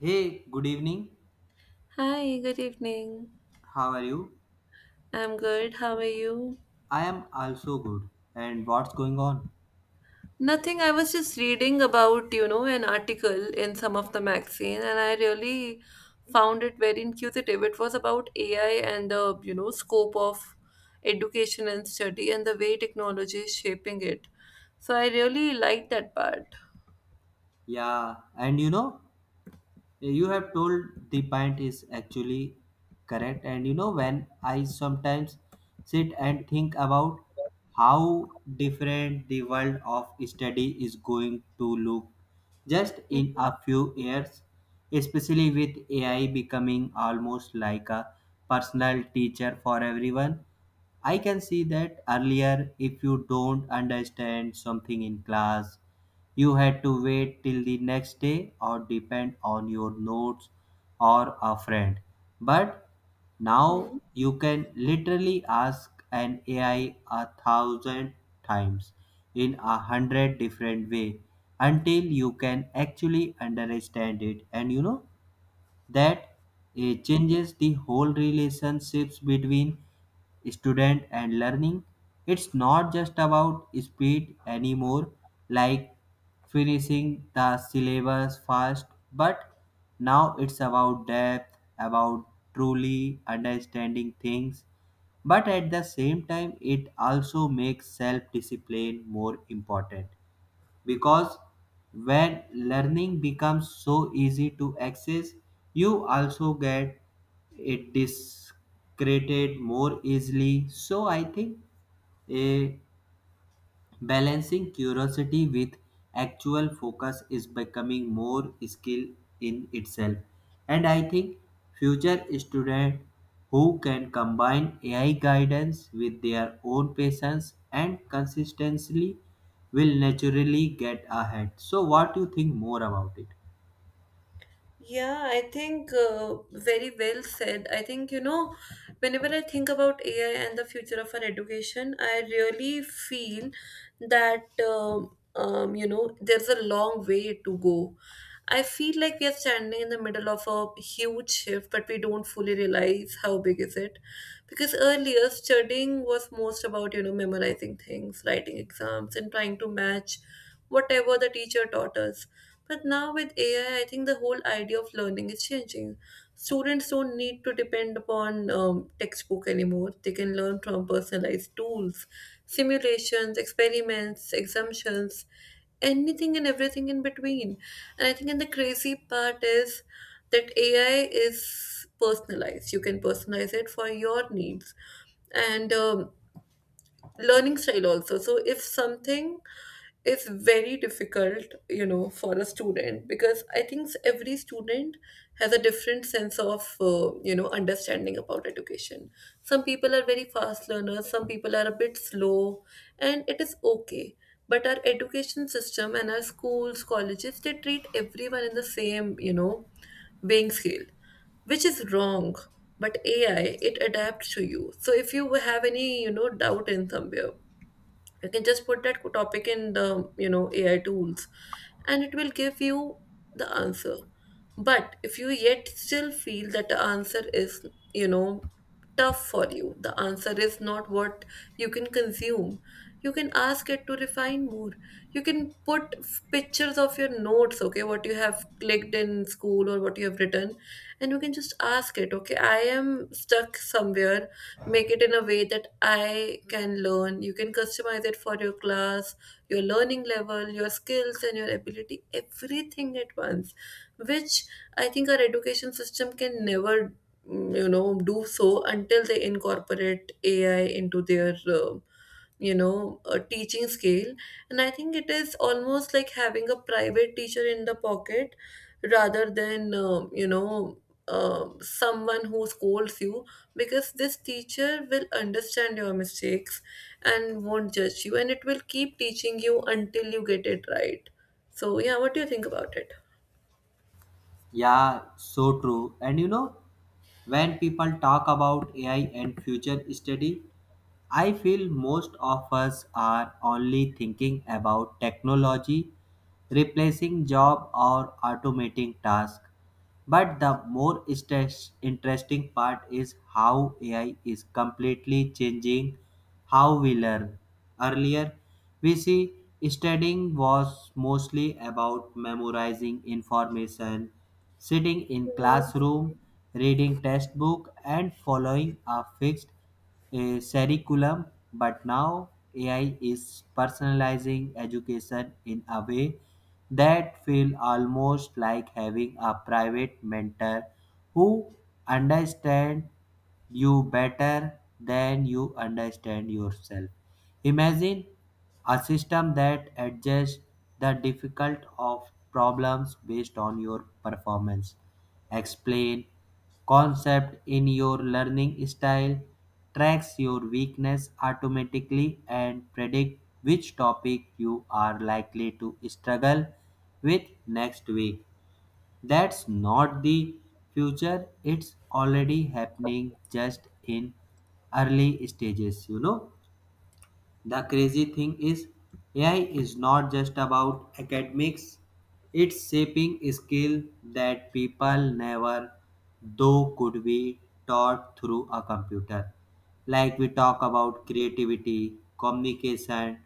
Hey, good evening. Hi, good evening. How are you? I'm good. How are you? I am also good. And what's going on? Nothing. I was just reading about, you know, an article in some of the magazine and I really found it very inquisitive. It was about AI and the, you know, scope of education and study and the way technology is shaping it. So I really liked that part. Yeah, and you know, you have told the point is actually correct. And you know, when I sometimes sit and think about how different the world of study is going to look just in Mhm. a few years, especially with AI becoming almost like a personal teacher for everyone. I can see that earlier if you don't understand something in class, you had to wait till the next day or depend on your notes or a friend. But now you can literally ask an AI 1,000 times in 100 different way until you can actually understand it. And you know, that changes the whole relationships between student and learning. It's not just about speed anymore, like finishing the syllabus fast, but now it's about depth, about truly understanding things. But at the same time, it also makes self discipline more important because when learning becomes so easy to access, you also get it discredited more easily. So I think eh, balancing curiosity with actual focus is becoming more skill in itself. And I think future students who can combine AI guidance with their own patience and consistency will naturally get ahead. So what do you think more about it? Yeah, I think very well said. I think, you know, whenever I think about AI and the future of our education, I really feel that, you know, there's a long way to go. I feel like we are standing in the middle of a huge shift, but we don't fully realize how big is it. Because earlier, studying was most about, you know, memorizing things, writing exams, and trying to match whatever the teacher taught us. But now with AI, I think the whole idea of learning is changing. Students don't need to depend upon textbook anymore. They can learn from personalized tools, simulations, experiments, exemptions, anything and everything in between. And I think and the crazy part is that AI is personalized. You can personalize it for your needs and learning style also. So if something is very difficult, you know, for a student, because I think every student has a different sense of you know, understanding about education. Some people are very fast learners, some people are a bit slow, and it is okay. But our education system and our schools, colleges, they treat everyone in the same, you know, weighing scale, which is wrong. But AI, it adapts to you. So if you have any, you know, doubt in somewhere, you can just put that topic in the, you know, AI tools, and it will give you the answer. But if you yet still feel that the answer is, you know, tough for you, the answer is not what you can consume, you can ask it to refine more. You can put pictures of your notes, okay, what you have clicked in school or what you have written, and you can just ask it, okay, I am stuck somewhere, make it in a way that I can learn. You can customize it for your class, your learning level, your skills, and your ability, everything at once, which I think our education system can never, you know, do so until they incorporate AI into their. You know, a teaching scale. And I think it is almost like having a private teacher in the pocket rather than you know, someone who scolds you, because this teacher will understand your mistakes and won't judge you, and it will keep teaching you until you get it right. So yeah, what do you think about it? Yeah, so true. And you know, when people talk about AI and future study, I feel most of us are only thinking about technology replacing job or automating tasks. But the more interesting part is how AI is completely changing how we learn. Earlier, we see studying was mostly about memorizing information, sitting in classroom, reading textbook and following a fixed a curriculum, but now AI is personalizing education in a way that feels almost like having a private mentor who understands you better than you understand yourself. Imagine a system that adjusts the difficult of problems based on your performance, explain concept in your learning style, tracks your weakness automatically, and predict which topic you are likely to struggle with next week. That's not the future, it's already happening just in early stages, you know. The crazy thing is, AI is not just about academics, it's shaping skills that people never though could be taught through a computer. Like we talk about creativity, communication,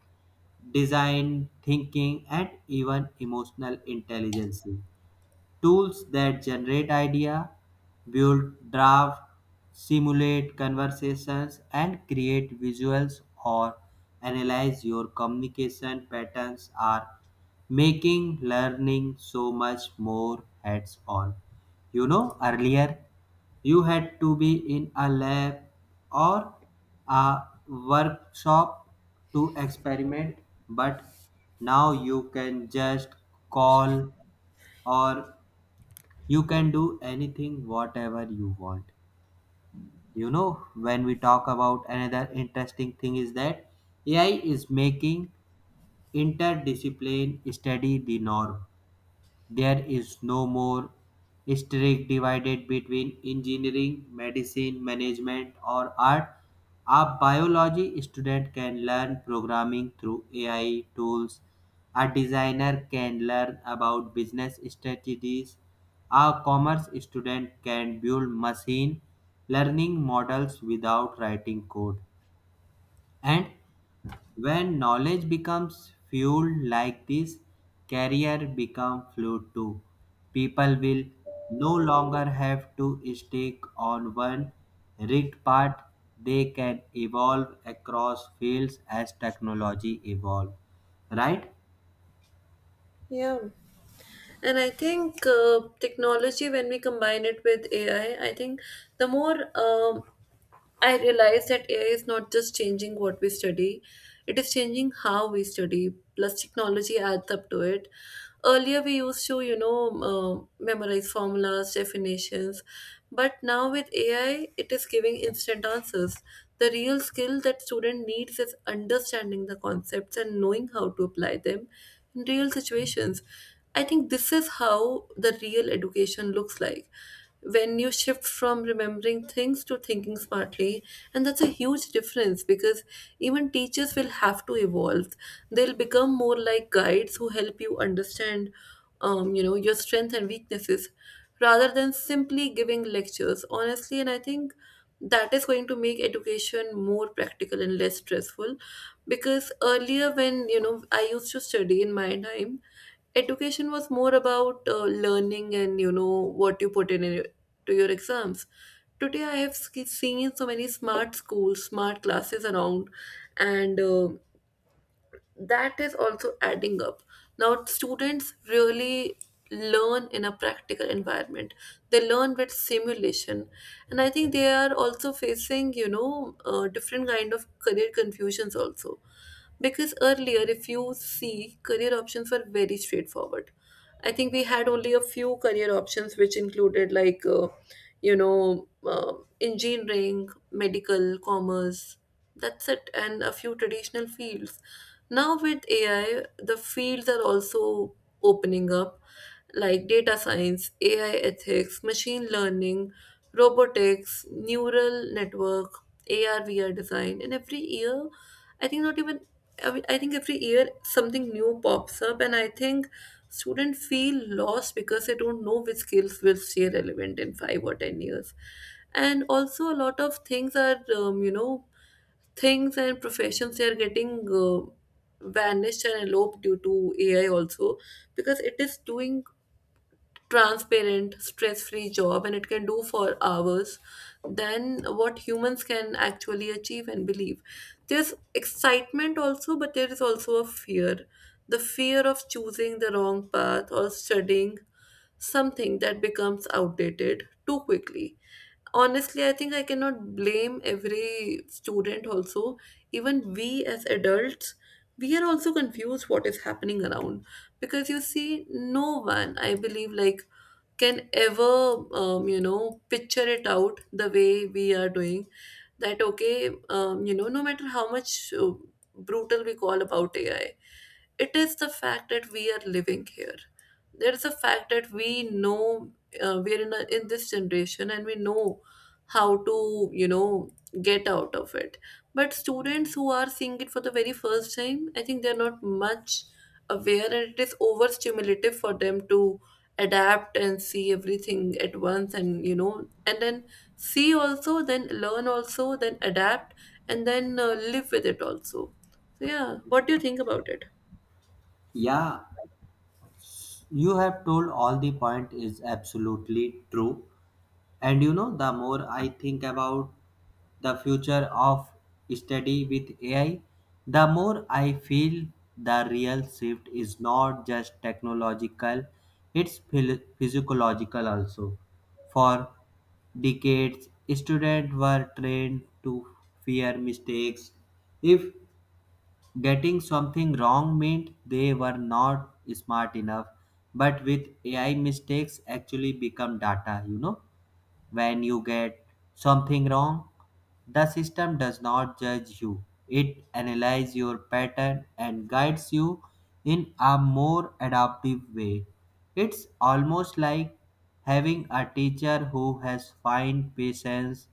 design thinking, and even emotional intelligence. Tools that generate idea, build draft, simulate conversations, and create visuals or analyze your communication patterns are making learning so much more hands on. You know, earlier you had to be in a lab or a workshop to experiment, but now you can just call or you can do anything, whatever you want. You know, when we talk about another interesting thing is that AI is making interdiscipline study the norm. There is no more strict divided between engineering, medicine, management, or art. A biology student can learn programming through AI tools. A designer can learn about business strategies. A commerce student can build machine learning models without writing code. And when knowledge becomes fuel like this, career become fluid too. People will no longer have to stick on one rigged path. They can evolve across fields as technology evolve, right? Yeah. And I think technology, when we combine it with AI, I think the more I realize that AI is not just changing what we study, it is changing how we study, plus technology adds up to it. Earlier, we used to, you know, memorize formulas, definitions, but now with AI, it is giving instant answers. The real skill that student needs is understanding the concepts and knowing how to apply them in real situations. I think this is how the real education looks like. When you shift from remembering things to thinking smartly, and that's a huge difference, because even teachers will have to evolve. They'll become more like guides who help you understand, you know, your strengths and weaknesses, rather than simply giving lectures. Honestly, and I think that is going to make education more practical and less stressful, because earlier, when you know, I used to study in my time, education was more about learning and, you know, what you put in to your exams. Today I have seen so many smart schools, smart classes around, and that is also adding up. Now, students really learn in a practical environment, they learn with simulation, and I think they are also facing, you know, different kind of career confusions also. Because earlier, if you see, career options were very straightforward. I think we had only a few career options, which included like you know, uh, engineering, medical, commerce. That's it, and a few traditional fields. Now, with AI, the fields are also opening up, like data science, AI ethics, machine learning, robotics, neural network, AR VR design. And every year, I think not even I mean, I think every year something new pops up, and I think students feel lost because they don't know which skills will stay relevant in 5 or 10 years. And also, a lot of things are, you know, things and professions, they are getting vanished and eloped due to AI also, because it is doing transparent, stress free job, and it can do for hours than what humans can actually achieve and believe. There's excitement also, but there is also a fear, the fear of choosing the wrong path or studying something that becomes outdated too quickly. Honestly, I think I cannot blame every student also. Even we as adults, we are also confused what is happening around. Because you see, no one, I believe, like, can ever you know, picture it out the way we are doing. That okay, you know, no matter how much brutal we call about AI, it is the fact that we are living here. There is a fact that we know, we are in, a, in this generation, and we know how to, you know, get out of it. But students who are seeing it for the very first time, I think they're not much aware, and it is overstimulative for them to adapt and see everything at once, and you know, and then see also, then learn also, then adapt, and then live with it also. So yeah, what do you think about it? Yeah, you have told all the point is absolutely true. And you know, the more I think about the future of study with AI, the more I feel the real shift is not just technological, it's physiological also. For decades, students were trained to fear mistakes. If getting something wrong meant they were not smart enough, but with AI, mistakes actually become data, you know, when you get something wrong, the system does not judge you. It analyzes your pattern and guides you in a more adaptive way. It's almost like having a teacher who has fine patience,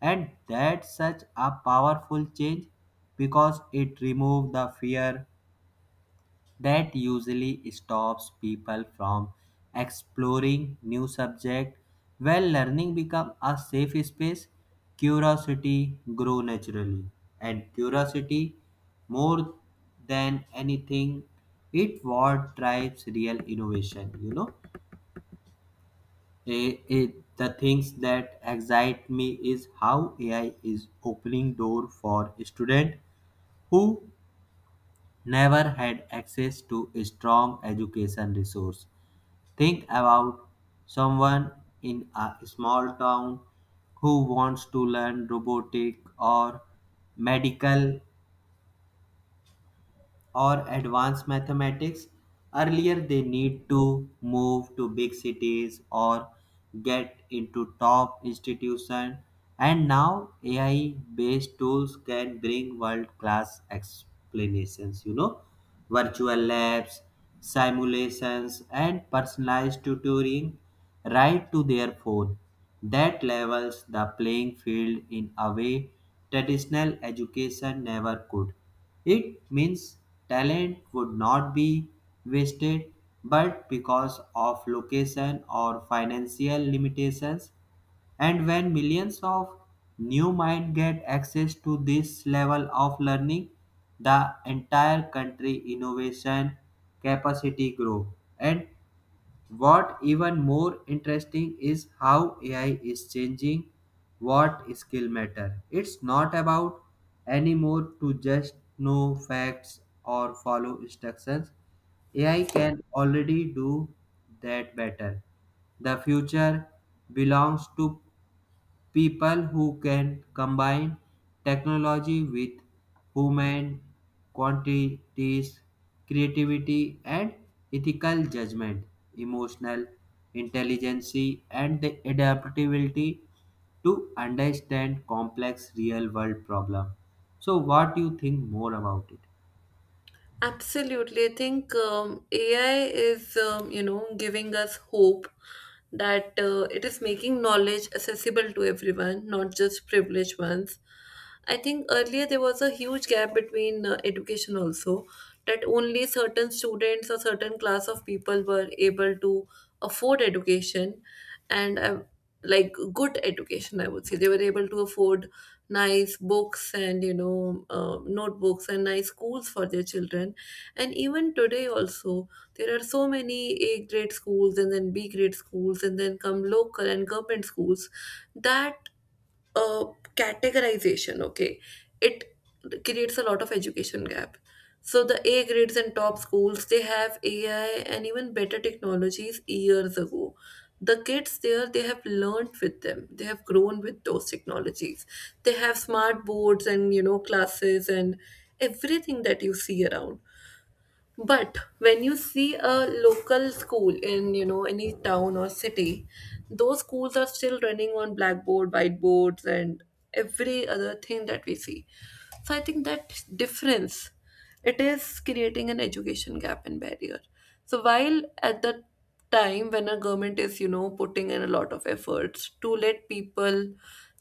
and that's such a powerful change because it removes the fear that usually stops people from exploring new subjects. When learning becomes a safe space, curiosity grows naturally. And curiosity, more than anything, it what drives real innovation. Eh, eh, the things that excite me is how AI is opening door for students who never had access to a strong education resource. Think about someone in a small town who wants to learn robotic or medical or advanced mathematics. Earlier they need to move to big cities or get into top institutions, and now AI based tools can bring world class explanations, you know, virtual labs, simulations, and personalized tutoring right to their phone. That levels the playing field in a way traditional education never could. It means talent would not be wasted, but because of location or financial limitations, and when millions of new minds get access to this level of learning, the entire country innovation capacity grow. And what even more interesting is how AI is changing what skill matter. It's not about anymore to just know facts or follow instructions. AI can already do that better. The future belongs to people who can combine technology with human quantities, creativity and ethical judgment, emotional intelligence and the adaptability to understand complex real world problem. So what do you think more about it? Absolutely. I think AI is, you know, giving us hope that it is making knowledge accessible to everyone, not just privileged ones. I think earlier there was a huge gap between education also, that only certain students or certain class of people were able to afford education. And like good education, I would say. They were able to afford nice books and, you know, notebooks and nice schools for their children. And even today also, there are so many A grade schools, and then B grade schools, and then come local and government schools. That uh, categorization, okay, it creates a lot of education gap. So the A grades and top schools, they have AI and even better technologies years ago. The kids there, they have learned with them. They have grown with those technologies. They have smart boards and, you know, classes and everything that you see around. But when you see a local school in, you know, any town or city, those schools are still running on blackboard, whiteboards, and every other thing that we see. So I think that difference, it is creating an education gap and barrier. So while at the time when a government is, you know, putting in a lot of efforts to let people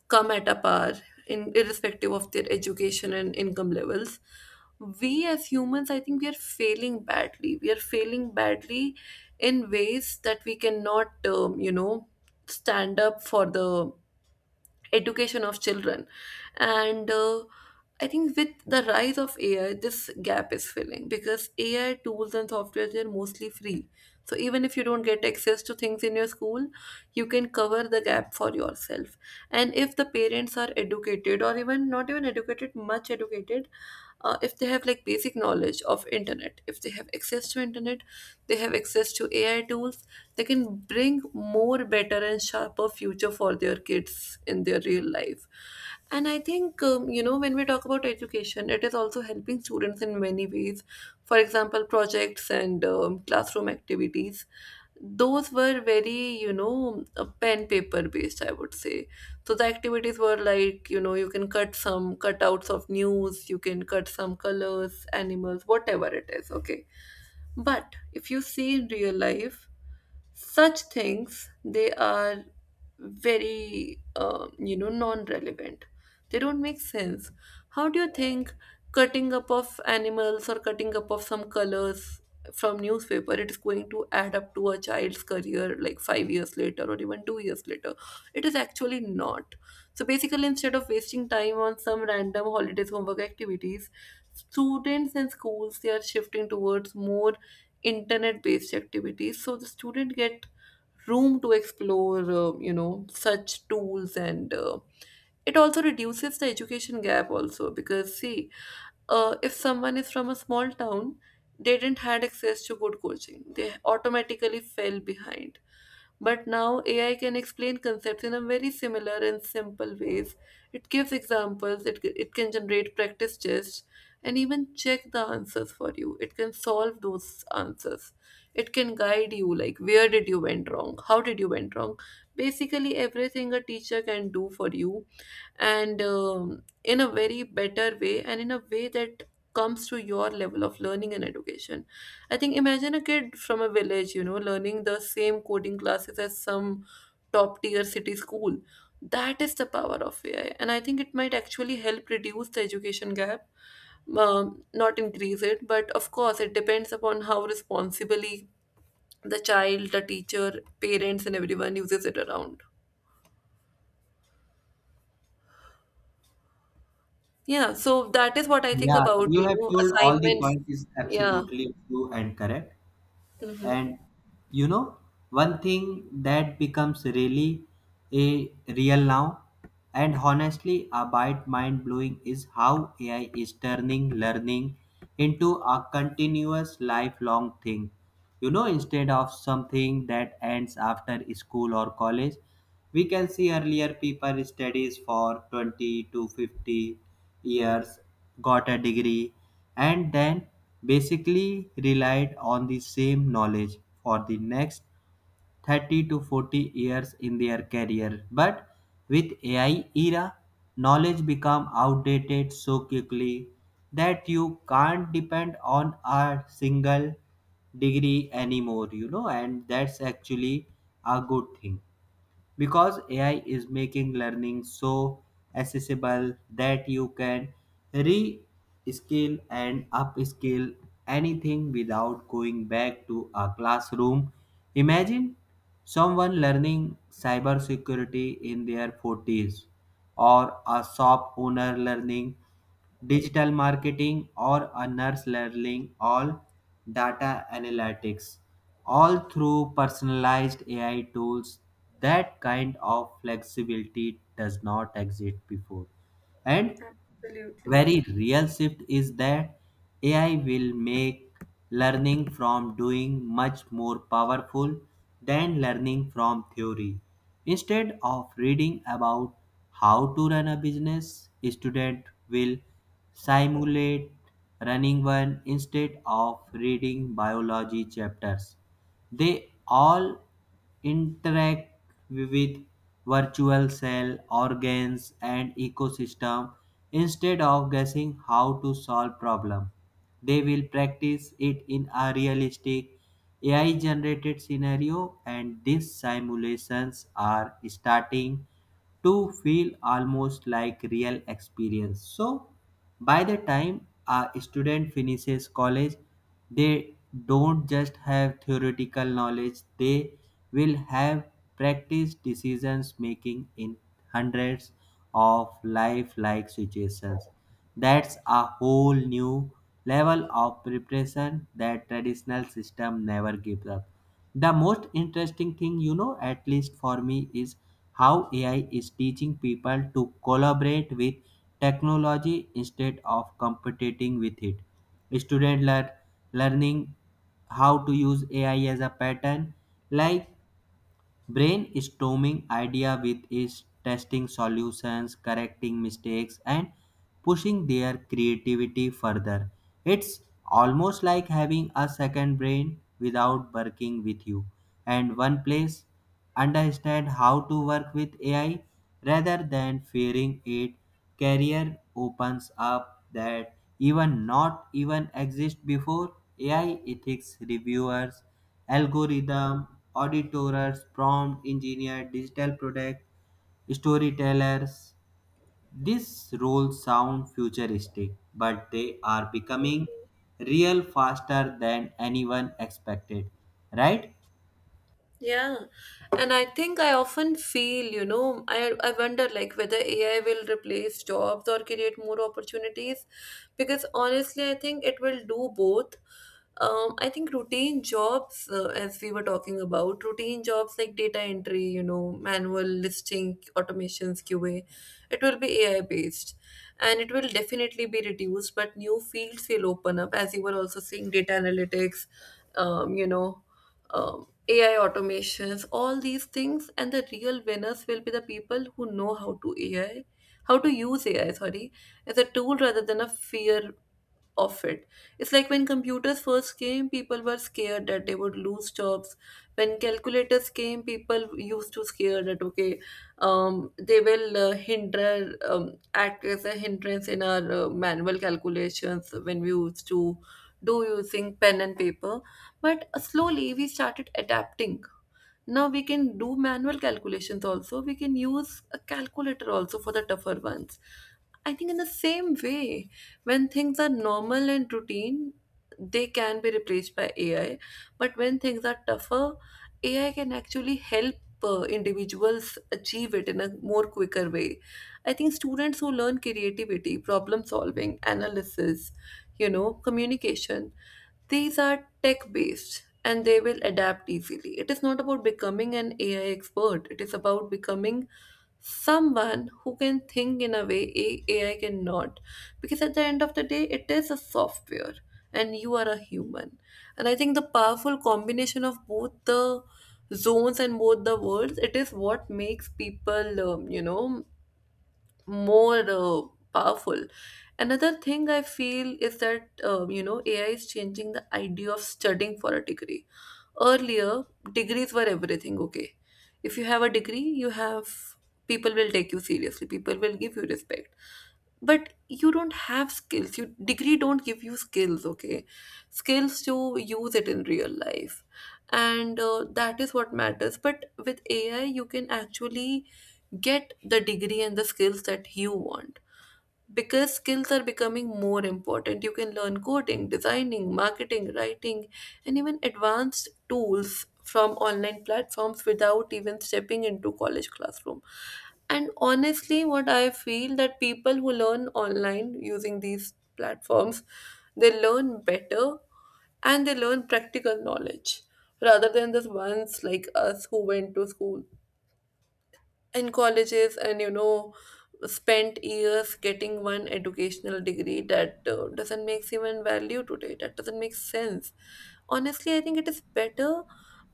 come at a par in irrespective of their education and income levels, we as humans, I think we are failing badly. We are failing badly in ways that we cannot, you know, stand up for the education of children. And I think with the rise of AI, this gap is filling, because AI tools and software, they're mostly free. So even if you don't get access to things in your school, you can cover the gap for yourself. And if the parents are educated, or even not even educated, much educated, if they have like basic knowledge of internet, if they have access to internet, they have access to AI tools, they can bring more better and sharper future for their kids in their real life. And I think, you know, when we talk about education, it is also helping students in many ways. For example, projects and classroom activities, those were very, you know, pen paper based, I would say. So the activities were like, you know, you can cut some cutouts of news, you can cut some colors, animals, whatever it is, okay? But if you see in real life, such things, they are very non-relevant. They don't make sense. How do you think cutting up of animals or cutting up of some colors from newspaper it is going to add up to a child's career like 5 years later or even 2 years later? It is actually not. So basically, instead of wasting time on some random holidays homework activities, students and schools they are shifting towards more internet based activities, so the student get room to explore such tools. And it also reduces the education gap also, because see, if someone is from a small town, they didn't had access to good coaching, they automatically fell behind. But now AI can explain concepts in a very similar and simple ways. It gives examples, it can generate practice tests and even check the answers for you. It can solve those answers, it can guide you like where did you went wrong, how did you went wrong. Basically everything a teacher can do for you, and in a very better way, and in a way that comes to your level of learning and education. I think, imagine a kid from a village, you know, learning the same coding classes as some top tier city school. That is the power of AI, and I think it might actually help reduce the education gap, not increase it. But of course it depends upon how responsibly the child, the teacher, parents and everyone uses it around. Yeah, so that is what I think Yeah, about, you have told all the assignments. points is Yeah. absolutely true and correct. Hmm. And you know, one thing that becomes really a real now and honestly a bit mind blowing is how AI is turning learning into a continuous lifelong thing. You know, instead of something that ends after school or college, we can see earlier people studies for 20 to 50 years, got a degree, and then basically relied on the same knowledge for the next 30 to 40 years in their career. But with AI era, knowledge become outdated so quickly that you can't depend on a single degree anymore, you know, and that's actually a good thing because AI is making learning so accessible that you can re-skill and upskill anything without going back to a classroom. Imagine someone learning cybersecurity in their 40s, or a shop owner learning digital marketing, or a nurse learning all data analytics, all through personalized AI tools. That kind of flexibility does not exist before. And Absolutely. very real shift is that AI will make learning from doing much more powerful than learning from theory. Instead of reading about how to run a business, a student will simulate running one. Instead of reading biology chapters, they all interact with virtual cell, organs, and ecosystem. Instead of guessing how to solve problem, they will practice it in a realistic AI-generated scenario, and these simulations are starting to feel almost like real experience. So, by the time a student finishes college, they don't just have theoretical knowledge, they will have practiced decisions making in 100s of lifelike situations. That's a whole new level of preparation that traditional system never gives up. The most interesting thing, you know, at least for me, is how AI is teaching people to collaborate with technology instead of competing with it. Students learning how to use AI as a pattern, like brainstorming idea with is testing solutions, correcting mistakes, and pushing their creativity further. It's almost like having a second brain without working with you. And one place understand how to work with AI rather than fearing it. Career opens up that even not even exist before: AI ethics reviewers, algorithm auditors, prompt engineer, digital product, storytellers. These roles sound futuristic, but they are becoming real faster than anyone expected, right? Yeah. And I think I often feel, you know, I wonder like whether AI will replace jobs or create more opportunities, because honestly, I think it will do both. I think routine jobs, as we were talking about, routine jobs like data entry, you know, manual listing, automations, QA, it will be AI based and it will definitely be reduced, but new fields will open up, as you were also saying, data analytics, um, you know, AI automations, all these things. And the real winners will be the people who know how to AI, how to use AI, sorry, as a tool rather than a fear of it. It's like when computers first came, people were scared that they would lose jobs. When calculators came, people used to scare that okay, they will hinder, act as a hindrance in our manual calculations, when we used to do using pen and paper. But slowly we started adapting. Now we can do manual calculations also, we can use a calculator also for the tougher ones. I think in the same way, when things are normal and routine, they can be replaced by AI. But when things are tougher, AI can actually help individuals achieve it in a more quicker way. I think students who learn creativity, problem solving, analysis, you know, communication, these are tech based and they will adapt easily. It is not about becoming an AI expert, it is about becoming someone who can think in a way AI cannot. Because at the end of the day, it is a software and you are a human. And I think the powerful combination of both the zones and both the worlds, it is what makes people, more powerful. Another thing I feel is that, you know, AI is changing the idea of studying for a degree. Earlier, degrees were everything, okay? If you have a degree, you have, people will take you seriously, people will give you respect. But you don't have skills, you degree don't give you skills, okay? Skills to use it in real life, and that is what matters. But with AI you can actually get the degree and the skills that you want, because skills are becoming more important. You can learn coding, designing, marketing, writing and even advanced tools from online platforms without even stepping into college classroom. And honestly, what I feel that people who learn online using these platforms, they learn better, and they learn practical knowledge, rather than the ones like us who went to school in colleges, and, you know, spent years getting one educational degree that doesn't make even value today, that doesn't make sense. Honestly, I think it is better,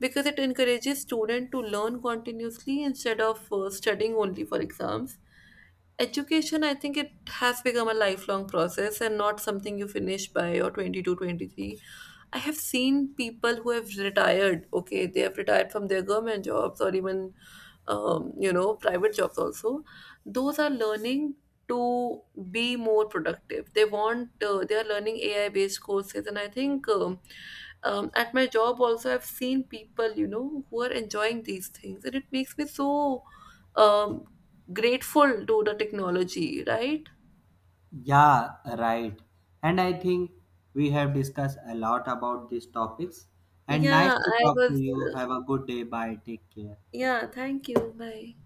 because it encourages student to learn continuously, instead of studying only for exams. Education, I think, it has become a lifelong process and not something you finish by your 22, 23. I have seen people who have retired, okay, they have retired from their government jobs, or even, private jobs also. Those are learning to be more productive. They want, they are learning AI based courses. And I think at my job also, I've seen people, you know, who are enjoying these things. And it makes me so um grateful to the technology, right? Yeah, right. And I think we have discussed a lot about these topics. And nice Yeah, to I talk to was. you. Have a good day. Bye. Take care. Yeah, thank you. Bye.